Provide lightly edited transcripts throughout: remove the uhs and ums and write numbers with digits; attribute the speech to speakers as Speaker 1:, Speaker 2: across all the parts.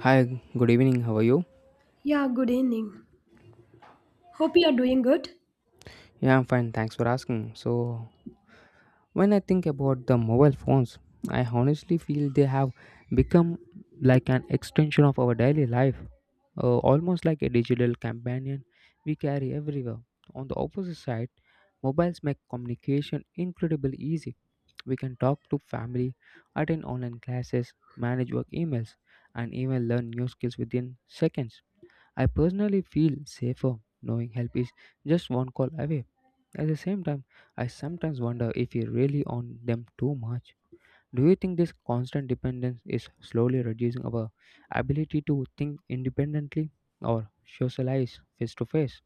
Speaker 1: Hi, good evening. How are you?
Speaker 2: Yeah, good evening. Hope you are doing good.
Speaker 1: Yeah, I'm fine. Thanks for asking. So, when I think about the mobile phones, I honestly feel they have become like an extension of our daily life, almost like a digital companion we carry everywhere. On the opposite side, mobiles make communication incredibly easy. We can talk to family, attend online classes, manage work emails, and even learn new skills within seconds. I personally feel safer knowing help is just one call away. At the same time, I sometimes wonder if we really on them too much. Do you think this constant dependence is slowly reducing our ability to think independently or socialize face to face?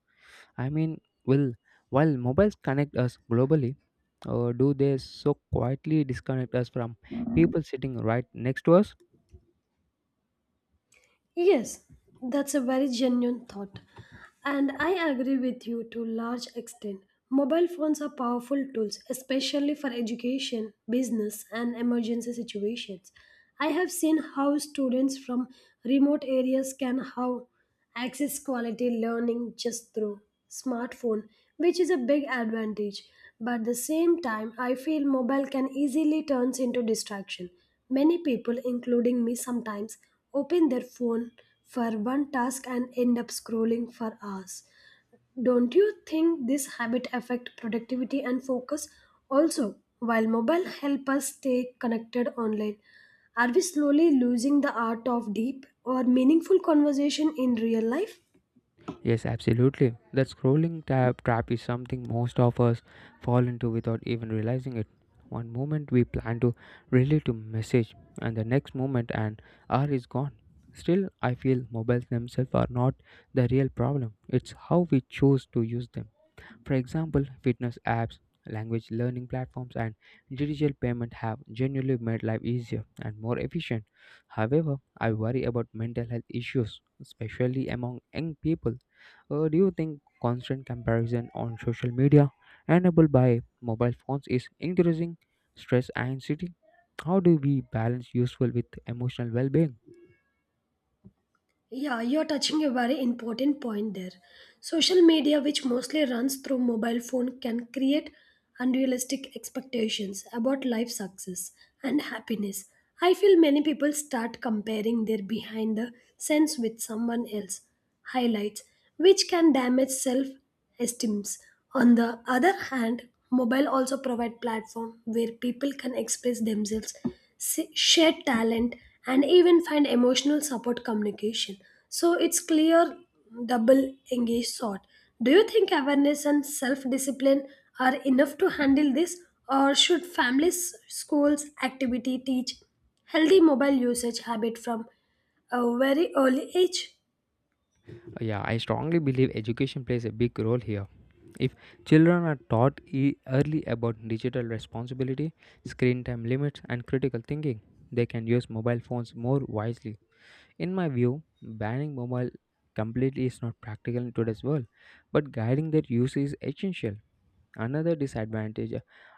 Speaker 1: I mean, will While mobiles connect us globally, or do they so quietly disconnect us from people sitting right next to us?
Speaker 2: Yes, that's a very genuine thought. And I agree with you to large extent. Mobile phones are powerful tools, especially for education, business, and emergency situations. I have seen how students from remote areas can how access quality learning just through smartphone, which is a big advantage. But at the same time, I feel mobile can easily turns into distraction. Many people including me sometimes open their phone for one task and end up scrolling for hours. Don't you think this habit affect productivity and focus? Also, while mobile help us stay connected online, are we slowly losing the art of deep or meaningful conversation in real life?
Speaker 1: Yes, absolutely. That scrolling tab trap is something most of us fall into without even realizing it. One moment we plan to relate to message, and the next moment an hour is gone. Still, I feel mobiles themselves are not the real problem. It's how we choose to use them. For example, fitness apps, language learning platforms, and digital payment have genuinely made life easier and more efficient. However, I worry about mental health issues, especially among young people. Do you think constant comparison on social media, enabled by mobile phones, is increasing stress and anxiety? How do we balance useful with emotional well being?
Speaker 2: Yeah, you're touching a very important point there. Social media, which mostly runs through mobile phone, can create unrealistic expectations about life success and happiness. I feel many people start comparing their behind the scenes with someone else highlights, which can damage self esteems. On the other hand, mobile also provide platform where people can express themselves, share talent, and even find emotional support communication. So it's clear double engaged sort. Do you think awareness and self-discipline are enough to handle this, or should families, schools, activity teach healthy mobile usage habit from a very early age?
Speaker 1: Yeah, I strongly believe education plays a big role here. If children are taught early about digital responsibility, screen time limits, and critical thinking, they can use mobile phones more wisely. In my view, banning mobile completely is not practical in today's world, but guiding their use is essential. Another disadvantage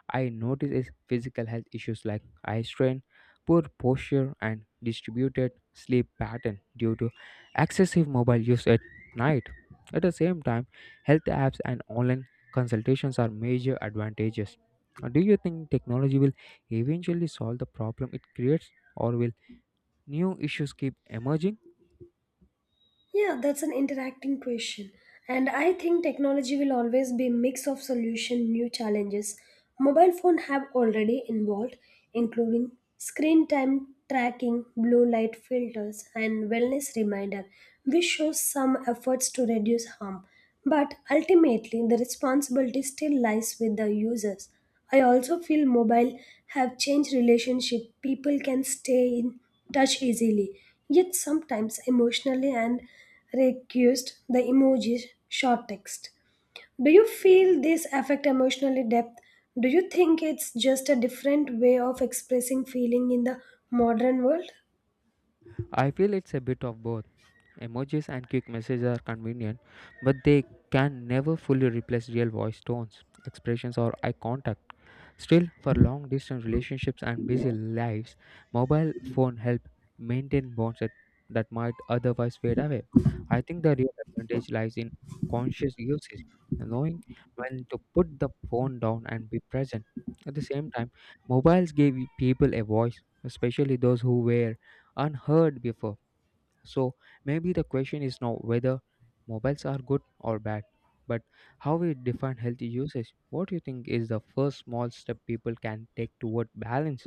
Speaker 1: I notice is physical health issues like eye strain, poor posture, and distributed sleep pattern due to excessive mobile use at night. At the same time, health apps and online consultations are major advantages. Do you think technology will eventually solve the problem it creates, or will new issues keep emerging?
Speaker 2: Yeah, that's an interacting question. And I think technology will always be a mix of solution, new challenges. Mobile phone have already involved, including screen time tracking, blue light filters, and wellness reminder, which shows some efforts to reduce harm. But ultimately, the responsibility still lies with the users. I also feel mobile have changed relationship. People can stay in touch easily, yet sometimes emotionally and reduced the emojis short text. Do you feel this affect emotionally depth? Do you think it's just a different way of expressing feeling in the modern world?
Speaker 1: I feel it's a bit of both. Emojis and quick messages are convenient, but they can never fully replace real voice tones, expressions, or eye contact. Still, for long distance relationships and busy lives, mobile phone help maintain bonds that might otherwise fade away. I think the real advantage lies in conscious usage, knowing when to put the phone down and be present. At the same time, mobiles gave people a voice, especially those who were unheard before. So maybe the question is now whether mobiles are good or bad, but how we define healthy usage. What do you think is the first small step people can take toward balance?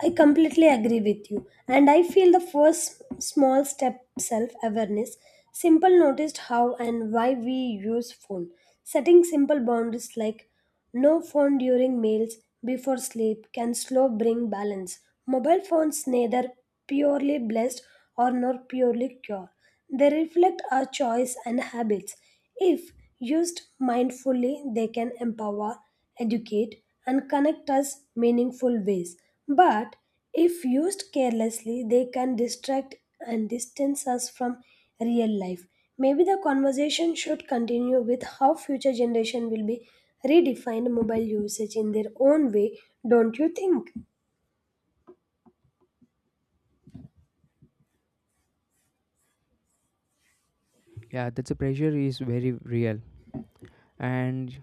Speaker 2: I completely agree with you. And I feel the first small step self awareness. Simple noticed how and why we use phone. Setting simple boundaries like no phone during meals before sleep can slow bring balance. Mobile phones neither purely blessed or nor purely cure. They reflect our choice and habits. If used mindfully, they can empower educate, and connect us meaningful ways. But if used carelessly, they can distract and distance us from real life. Maybe the conversation should continue with how future generation will be redefine mobile usage in their own way, don't you think?
Speaker 1: Yeah, that's the pressure is very real. And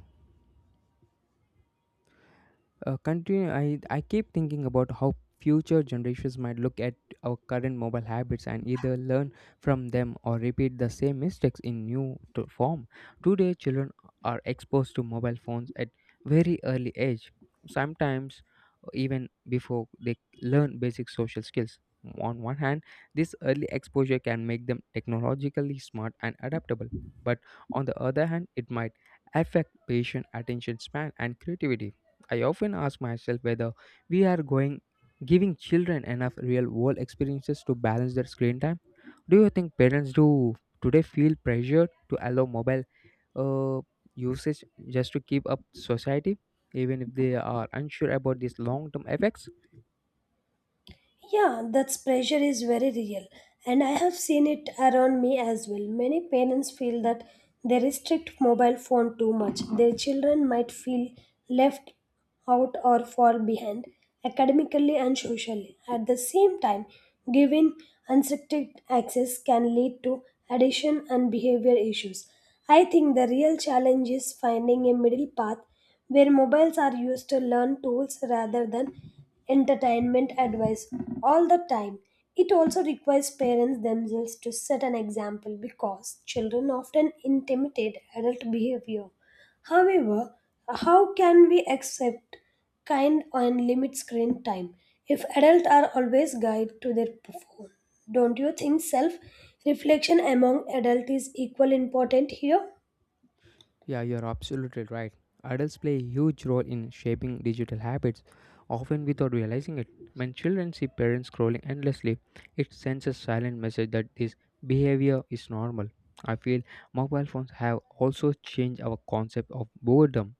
Speaker 1: Continue. I keep thinking about how future generations might look at our current mobile habits and either learn from them or repeat the same mistakes in new to form. Today, children are exposed to mobile phones at very early age, sometimes even before they learn basic social skills. On one hand, this early exposure can make them technologically smart and adaptable, but on the other hand, it might affect patient attention span and creativity. I often ask myself whether we are going giving children enough real world experiences to balance their screen time. Do you think parents do today feel pressured to allow mobile uh, usage just to keep up society, even if they are unsure about these long term effects?
Speaker 2: Yeah, that pressure is very real, and I have seen it around me as well. Many parents feel that they restrict mobile phone too much. Their children might feel left out or fall behind academically and socially. At the same time, giving unrestricted access can lead to addiction and behavior issues. I think the real challenge is finding a middle path where mobiles are used to learn tools rather than entertainment advice all the time. It also requires parents themselves to set an example because children often imitate adult behavior. However, how can we accept kind and limit screen time if adults are always guided to their phone? Don't you think self reflection among adults is equally important here?
Speaker 1: Yeah, you're absolutely right. Adults play a huge role in shaping digital habits, often without realizing it. When children see parents scrolling endlessly, it sends a silent message that this behavior is normal. I feel mobile phones have also changed our concept of boredom.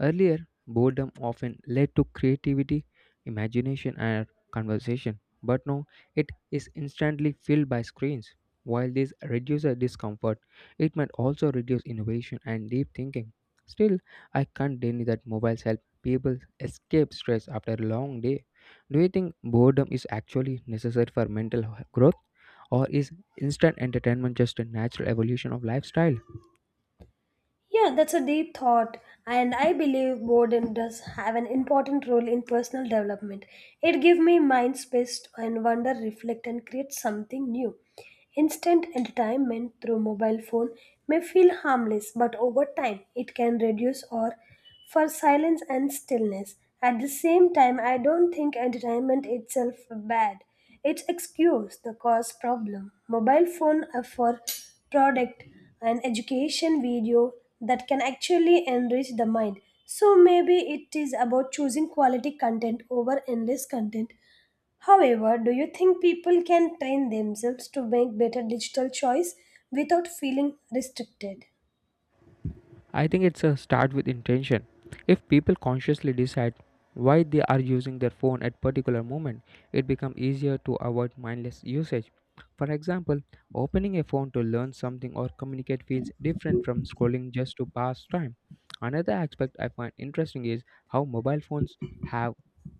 Speaker 1: Earlier, boredom often led to creativity, imagination, and conversation, but now it is instantly filled by screens. While this reduces discomfort, it might also reduce innovation and deep thinking. Still, I can't deny that mobiles help people escape stress after a long day. Do you think boredom is actually necessary for mental growth, or is instant entertainment just a natural evolution of lifestyle?
Speaker 2: Yeah, that's a deep thought, and I believe boredom does have an important role in personal development. It gives me mind space and wonder, reflect, and create something new. Instant entertainment through mobile phone may feel harmless, but over time it can reduce or for silence and stillness. At the same time, I don't think entertainment itself bad. It's excuse the cause problem. Mobile phone offer product an education video that can actually enrich the mind. So maybe it is about choosing quality content over endless content. However, do you think people can train themselves to make better digital choice without feeling restricted?
Speaker 1: I think it's a start with intention. If people consciously decide why they are using their phone at particular moment, it becomes easier to avoid mindless usage. For example, opening a phone to learn something or communicate feels different from scrolling just to pass time. Another aspect I find interesting is how mobile phones have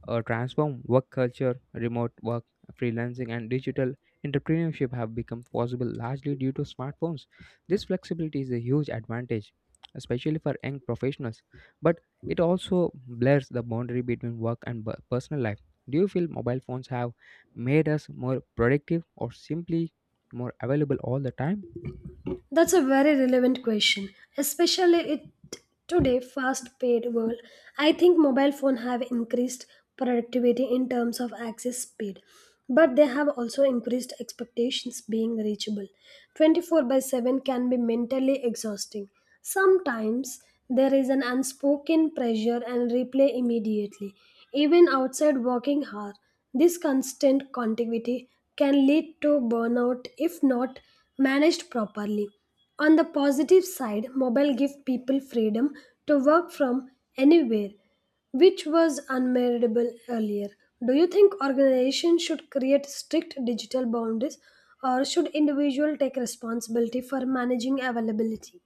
Speaker 1: transformed work culture, remote work, freelancing, and digital entrepreneurship have become possible largely due to smartphones. This flexibility is a huge advantage especially for young professionals, but it also blurs the boundary between work and personal life. Do you feel mobile phones have made us more productive or simply more available all the time?
Speaker 2: That's a very relevant question, especially it today fast paced world. I think mobile phone have increased productivity in terms of access speed, but they have also increased expectations being reachable. 24 by 7 can be mentally exhausting. Sometimes there is an unspoken pressure and replay immediately, even outside working hour. This constant contiguity can lead to burnout if not managed properly. On the positive side, mobile give people freedom to work from anywhere, which was unmeasurable earlier. Do you think organizations should create strict digital boundaries or should individuals take responsibility for managing availability?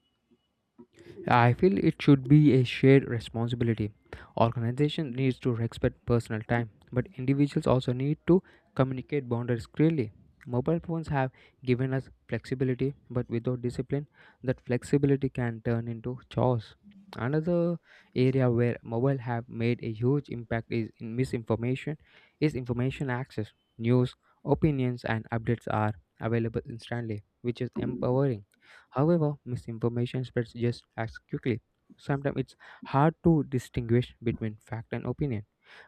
Speaker 1: I feel it should be a shared responsibility. Organization needs to respect personal time, but individuals also need to communicate boundaries clearly. Mobile phones have given us flexibility, but without discipline, that flexibility can turn into chores. Another area where mobile have made a huge impact is in misinformation is information access. News, opinions and updates are available instantly, which is empowering. However, misinformation spreads just as quickly. Sometimes it's hard to distinguish between fact and opinion.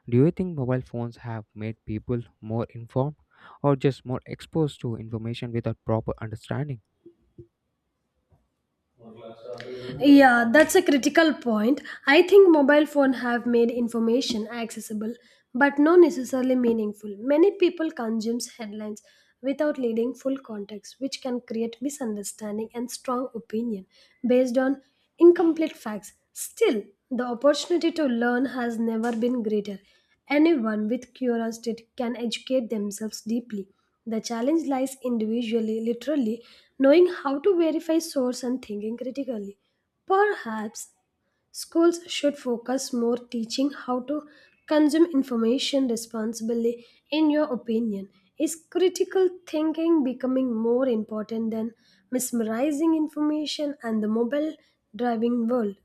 Speaker 1: Do you think mobile phones have made people more informed or just more exposed to information without proper understanding?
Speaker 2: Yeah, that's a critical point. I think mobile phone have made information accessible but not necessarily meaningful. Many people consumes headlines without reading full context, which can create misunderstanding and strong opinion based on incomplete facts. Still, the opportunity to learn has never been greater. Anyone with curiosity can educate themselves deeply. The challenge lies individually, literally, knowing how to verify source and thinking critically. Perhaps schools should focus more teaching how to consume information responsibly. In your opinion, is critical thinking becoming more important than mesmerizing information and the mobile driving world?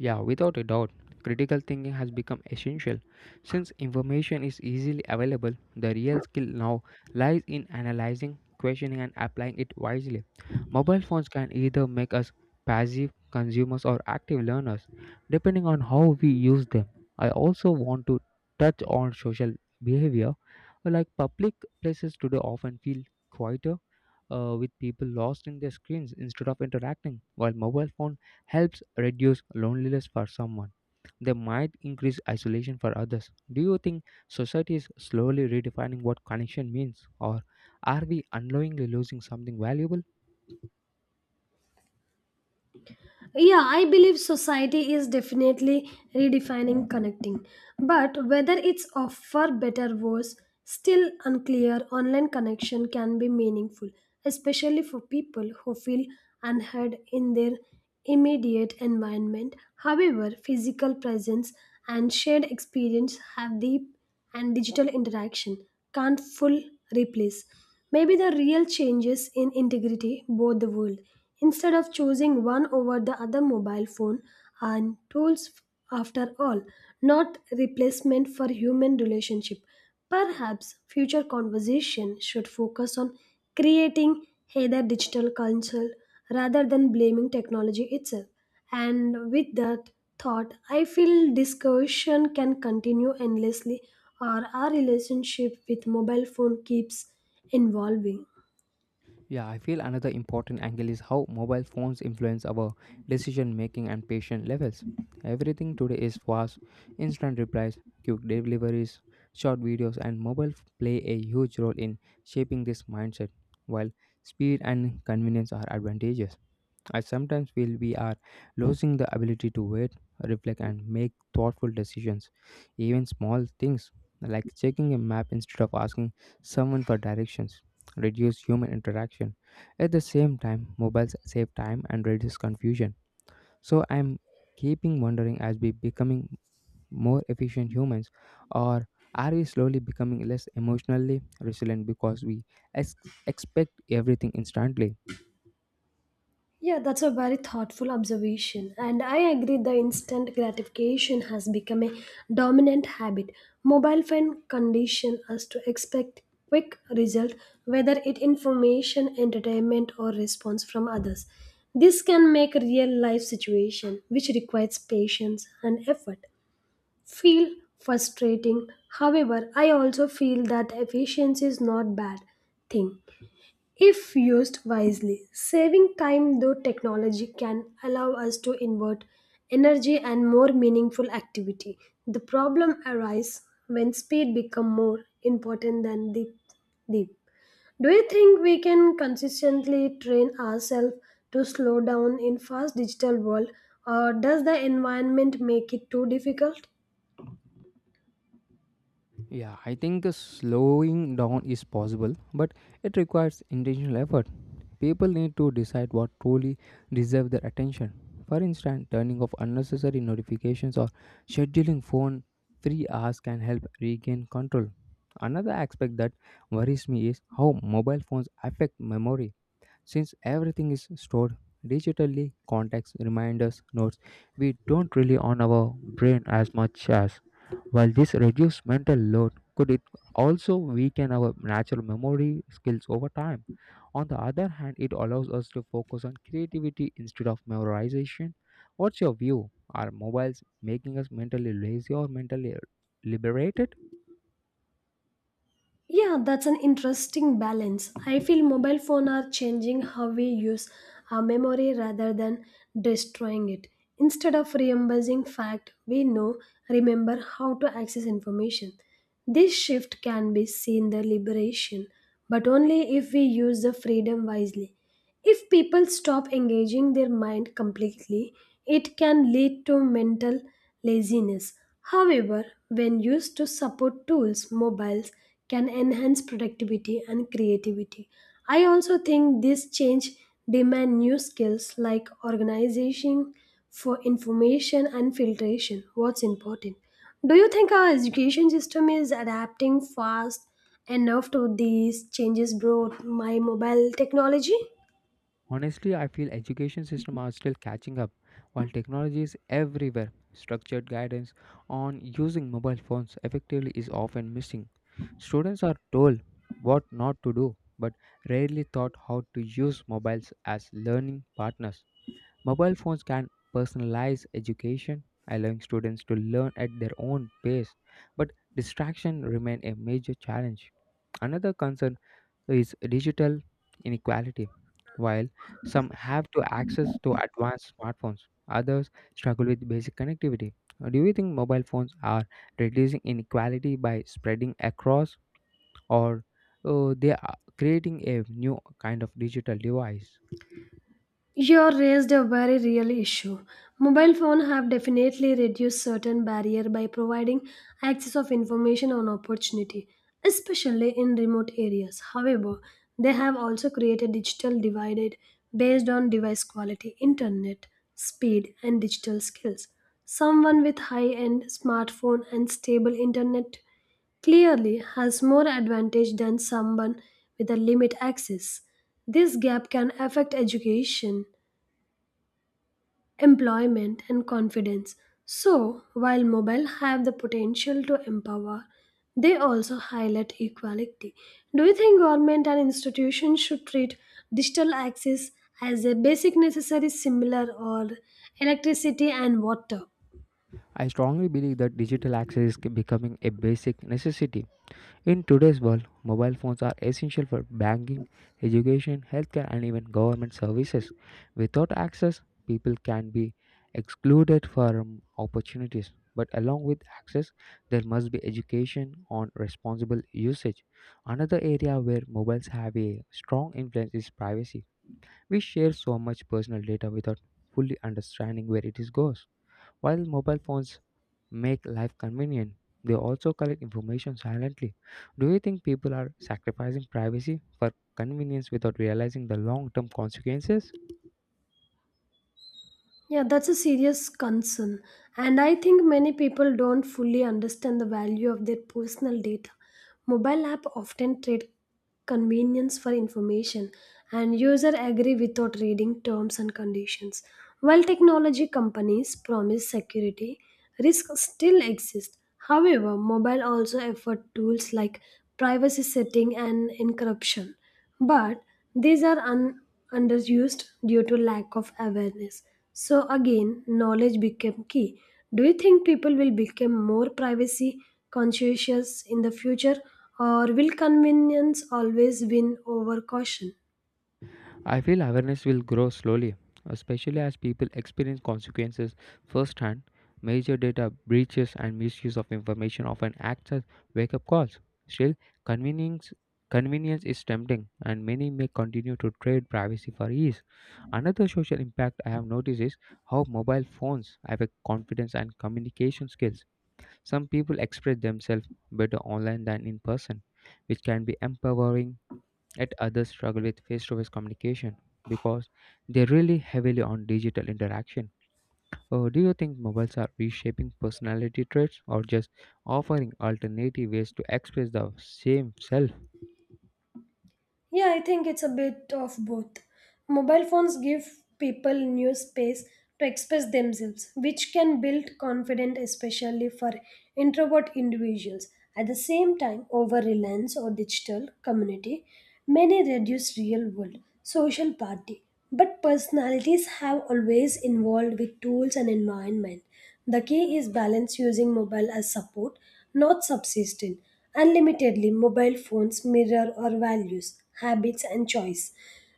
Speaker 1: Yeah, without a doubt, critical thinking has become essential. Since information is easily available, the real skill now lies in analyzing, questioning, and applying it wisely. Mobile phones can either make us passive consumers or active learners, depending on how we use them. I also want to touch on social behavior. Like public places today often feel quieter with people lost in their screens instead of interacting, while mobile phones helps reduce loneliness for someone. They might increase isolation for others. Do you think society is slowly redefining what connection means, or are we unknowingly losing something valuable?
Speaker 2: Yeah, I believe society is definitely redefining connecting. But whether it's of far better worse, still unclear. Online connection can be meaningful, especially for people who feel unheard in their immediate environment. However, physical presence and shared experience have deep and digital interaction can't full replace. Maybe the real changes in integrity both the world. Instead of choosing one over the other mobile phone and tools after all, not replacement for human relationship. Perhaps future conversation should focus on creating heather digital culture rather than blaming technology itself. And with that thought, I feel discussion can continue endlessly, or our relationship with mobile phone keeps evolving.
Speaker 1: Yeah, I feel another important angle is how mobile phones influence our decision making and patient levels. Everything today is fast, instant replies, quick deliveries, short videos, and mobile play a huge role in shaping this mindset. While speed and convenience are advantageous, I sometimes feel we are losing the ability to wait, reflect, and make thoughtful decisions. Even small things like checking a map instead of asking someone for directions reduce human interaction. At the same time, mobiles save time and reduce confusion. So I'm keeping wondering as we becoming more efficient humans? Or are we slowly becoming less emotionally resilient because we ex- expect everything instantly?
Speaker 2: Yeah, that's a very thoughtful observation, and I agree the instant gratification has become a dominant habit. Mobile phone condition us to expect quick result, whether it information, entertainment, or response from others. This can make real life situation which requires patience and effort feel frustrating. However, I also feel that efficiency is not bad thing if used wisely. Saving time though technology can allow us to invert energy and more meaningful activity. The problem arises when speed become more important than the deep. Do you think we can consistently train ourselves to slow down in fast digital world or does the environment make it too difficult?
Speaker 1: Yeah, I think slowing down is possible, but it requires intentional effort. People need to decide what truly deserves their attention. For instance, turning off unnecessary notifications or scheduling phone free hours can help regain control. Another aspect that worries me is how mobile phones affect memory. Since everything is stored digitally, contacts, reminders, notes, we don't rely on our brain as much as while this reduces mental load, could it also weaken our natural memory skills over time? On the other hand, it allows us to focus on creativity instead of memorization. What's your view? Are mobiles making us mentally lazy or mentally liberated?
Speaker 2: Yeah, that's an interesting balance. I feel mobile phone are changing how we use our memory rather than destroying it. Instead of reimbursing fact, we know remember how to access information. This shift can be seen the liberation, but only if we use the freedom wisely. If people stop engaging their mind completely, it can lead to mental laziness. However, when used to support tools, mobiles can enhance productivity and creativity. I also think this change demand new skills like organization for information and filtration. What's important? Do you think our education system is adapting fast enough to these changes brought by mobile technology?
Speaker 1: Honestly, I feel education system are still catching up while technology is everywhere. Structured guidance on using mobile phones effectively is often missing. Students are told what not to do but rarely taught how to use mobiles as learning partners. Mobile phones can personalize education, allowing students to learn at their own pace, but distraction remain a major challenge. Another concern is digital inequality. While some have to access to advanced smartphones, others struggle with basic connectivity. Do you think mobile phones are reducing inequality by spreading across, or they are creating a new kind of digital device?
Speaker 2: You raised a very real issue. Mobile phones have definitely reduced certain barrier by providing access of information and opportunity, especially in remote areas. However, they have also created digital divided based on device quality, internet speed, and digital skills. Someone with high-end smartphone and stable internet clearly has more advantage than someone with a limit access. This gap can affect education employment and confidence. So, while mobile have the potential to empower, they also highlight equality. Do you think government and institutions should treat digital access as a basic necessary similar or electricity and water?
Speaker 1: I strongly believe that digital access is becoming a basic necessity. In today's world, mobile phones are essential for banking, education, healthcare, and even government services. Without access, people can be excluded from opportunities. But along with access, there must be education on responsible usage. Another area where mobiles have a strong influence is privacy. We share so much personal data without fully understanding where it is goes. While mobile phones make life convenient, they also collect information silently. Do you think people are sacrificing privacy for convenience without realizing the long term consequences?
Speaker 2: Yeah, that's a serious concern. And I think many people don't fully understand the value of their personal data. Mobile app often trade convenience for information and user agree without reading terms and conditions. While technology companies promise security, risks still exist. However, mobile also afford tools like privacy setting and encryption, but these are underused due to lack of awareness. So again, knowledge became key. Do you think people will become more privacy conscious in the future, or will convenience always win over caution?
Speaker 1: I feel awareness will grow slowly, especially as people experience consequences firsthand. Major data breaches and misuse of information often acts as wake up calls. Still, convenience, convenience is tempting, and many may continue to trade privacy for ease. Another social impact I have noticed is how mobile phones affect confidence and communication skills. Some people express themselves better online than in person, which can be empowering. Yet others struggle with face to face communication because they rely heavily on digital interaction. Do you think mobiles are reshaping personality traits or just offering alternative ways to express the same self?
Speaker 2: Yeah, I think it's a bit of both. Mobile phones give people new space to express themselves, which can build confidence, especially for introvert individuals. At the same time, over reliance on digital community, many reduce real world social party. But personalities have always involved with tools and environment. The key is balance using mobile as support, not subsistence. Unlimitedly, mobile phones mirror our values, habits, and choice.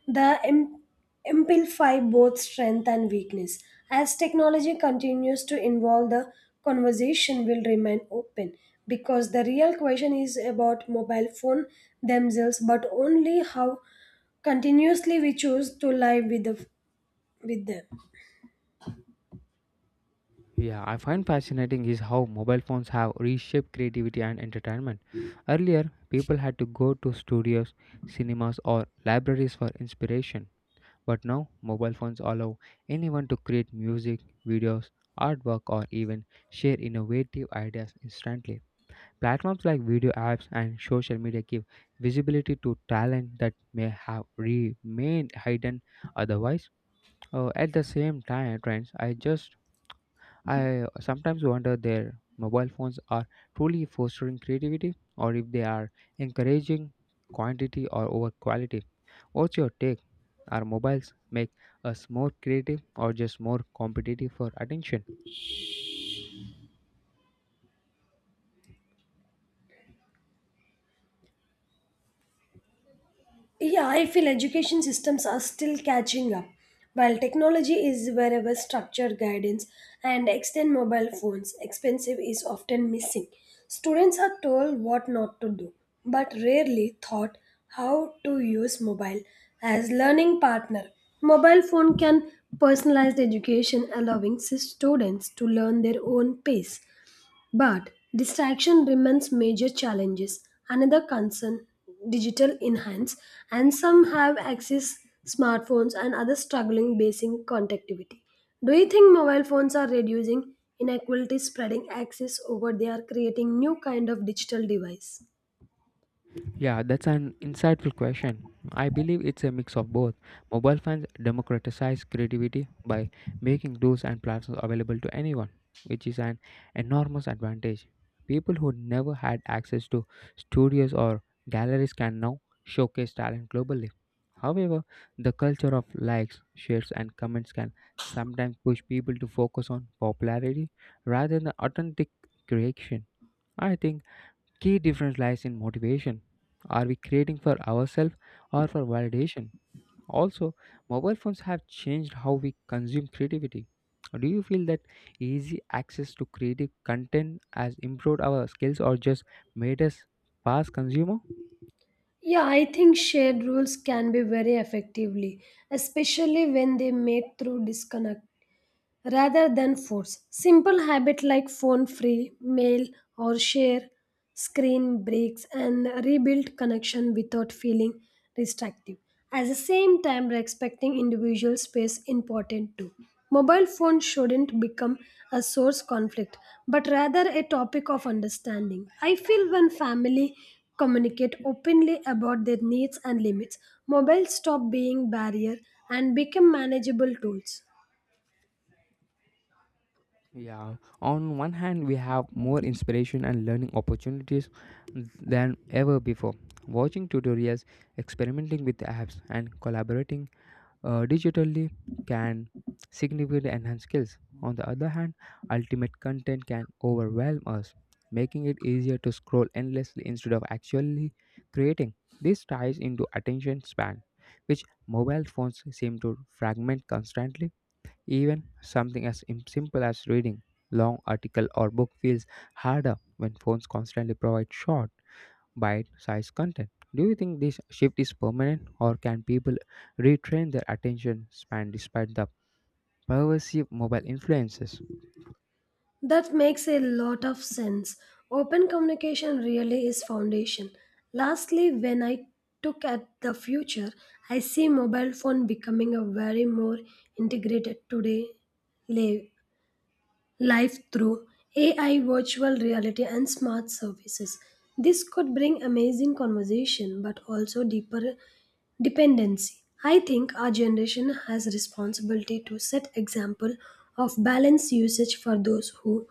Speaker 2: They amplify both strength and weakness. As technology continues to evolve, the conversation will remain open because the real question is about mobile phone themselves, but only how continuously we choose to live with, the, with them.
Speaker 1: Yeah, I find fascinating is how mobile phones have reshaped creativity and entertainment. Earlier, people had to go to studios, cinemas, or libraries for inspiration. But now, mobile phones allow anyone to create music, videos, artwork, or even share innovative ideas instantly. Platforms like video apps and social media give visibility to talent that may have remained hidden otherwise. At the same time, friends, I sometimes wonder their mobile phones are truly fostering creativity or if they are encouraging quantity or over quality. What's your take? Are mobiles make us more creative or just more competitive for attention?
Speaker 2: Yeah, I feel education systems are still catching up. While technology is wherever structured guidance and extend mobile phones, expensive is often missing. Students are told what not to do, but rarely taught how to use mobile as learning partner. Mobile phone can personalized education allowing students to learn their own pace but distraction remains major challenges. Another concern digital enhance and some have access smartphones and others struggling basic connectivity. Do you think mobile phones are reducing inequality spreading access over they are creating new kind of digital device?
Speaker 1: Yeah, that's an insightful question. I believe it's a mix of both. Mobile phones democratize creativity by making tools and platforms available to anyone, which is an enormous advantage. People who never had access to studios or galleries can now showcase talent globally. However, the culture of likes, shares, and comments can sometimes push people to focus on popularity rather than authentic creation. I think key difference lies in motivation. Are we creating for ourselves or for validation? Also, mobile phones have changed how we consume creativity. Do you feel that easy access to creative content has improved our skills or just made us past consumer?
Speaker 2: Yeah, I think shared rules can be very effectively, especially when they made through disconnect rather than force. Simple habit like phone free, mail or share screen breaks and rebuild connection without feeling restrictive. At the same time, respecting individual space important too. Mobile phones shouldn't become a source conflict, but rather a topic of understanding. I feel when family communicate openly about their needs and limits, mobiles stop being barrier and become manageable tools.
Speaker 1: Yeah, on one hand, we have more inspiration and learning opportunities than ever before. Watching tutorials, experimenting with apps, and collaborating digitally can significantly enhance skills. On the other hand, ultimate content can overwhelm us, making it easier to scroll endlessly instead of actually creating. This ties into attention span, which mobile phones seem to fragment constantly. Even something as simple as reading long article or book feels harder when phones constantly provide short bite-sized content. Do you think this shift is permanent, or can people retrain their attention span despite the pervasive mobile influences?
Speaker 2: That makes a lot of sense. Open communication really is foundation. Lastly, when I look at the future, I see mobile phone becoming a very more integrated today live life through AI, virtual reality, and smart services. This could bring amazing conversation but also deeper dependency. I think our generation has responsibility to set example of balanced usage for those who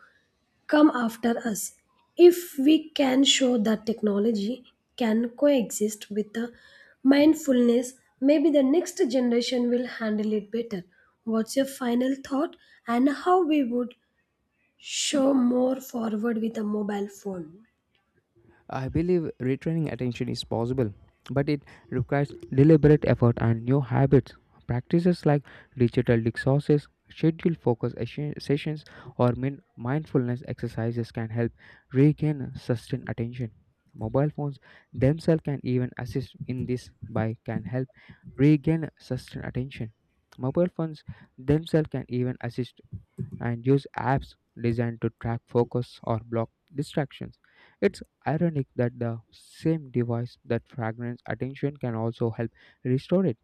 Speaker 2: come after us. If we can show that technology can coexist with the mindfulness, maybe the next generation will handle it better. What's your final thought and how we would show more forward with a mobile phone.
Speaker 1: I believe retraining attention is possible, but it requires deliberate effort and new habits. Practices like digital resources, scheduled focus sessions, or mindfulness exercises can help regain sustained attention. Mobile phones themselves can even assist in this by can help regain sustained attention. Mobile phones themselves can even assist and use apps designed to track focus or block distractions. It's ironic that the same device that fragments attention can also help restore it.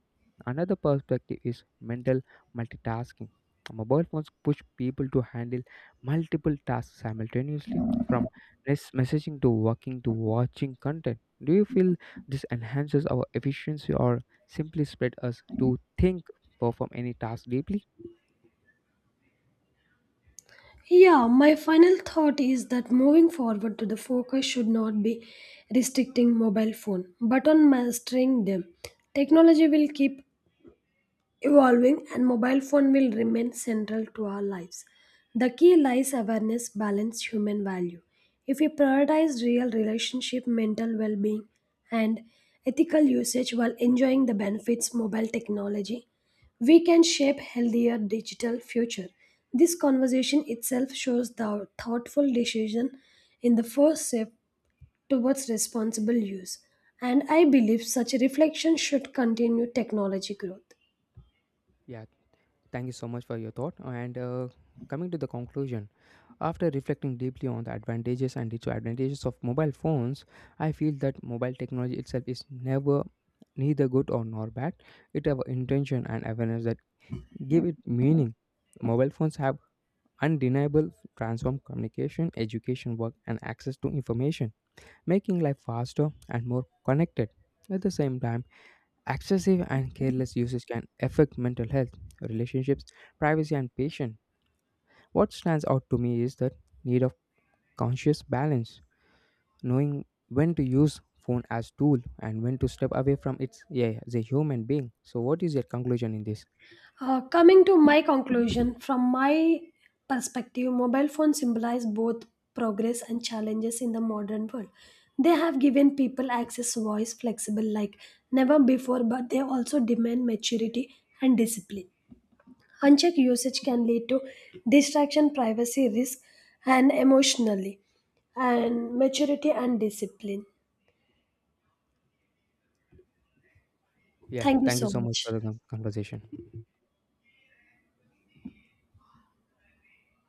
Speaker 1: Another perspective is mental multitasking. Mobile phones push people to handle multiple tasks simultaneously, from messaging to working to watching content. Do you feel this enhances our efficiency or simply spread us to think, perform any task deeply?
Speaker 2: Yeah, my final thought is that moving forward to the focus should not be restricting mobile phone, but on mastering them. Technology will keep evolving and mobile phone will remain central to our lives the key lies awareness balance human value if we prioritize real relationship mental well-being and ethical usage while enjoying the benefits mobile technology we can shape healthier digital future this conversation itself shows the thoughtful decision in the first step towards responsible use and I believe such reflection should continue technology growth.
Speaker 1: Yeah, thank you so much for your thought. And coming to the conclusion, after reflecting deeply on the advantages and disadvantages of mobile phones, I feel that mobile technology itself is never neither good or nor bad. It have intention and awareness that give it meaning. Mobile phones have undeniable transform communication, education, work, and access to information, making life faster and more connected. At the same time, excessive and careless usage can affect mental health, relationships, privacy, and patience. What stands out to me is the need of conscious balance, knowing when to use phone as tool and when to step away from it, yeah, as a human being. So what is your conclusion in this?
Speaker 2: Coming to my conclusion, from my perspective, mobile phones symbolize both progress and challenges in the modern world. They have given people access voice flexible like never before, but they also demand maturity and discipline. Unchecked usage can lead to distraction, privacy risk, and emotionally, and maturity and discipline.
Speaker 1: Yeah,
Speaker 2: Thank you
Speaker 1: thank you
Speaker 2: so
Speaker 1: so much for
Speaker 2: much.
Speaker 1: the conversation.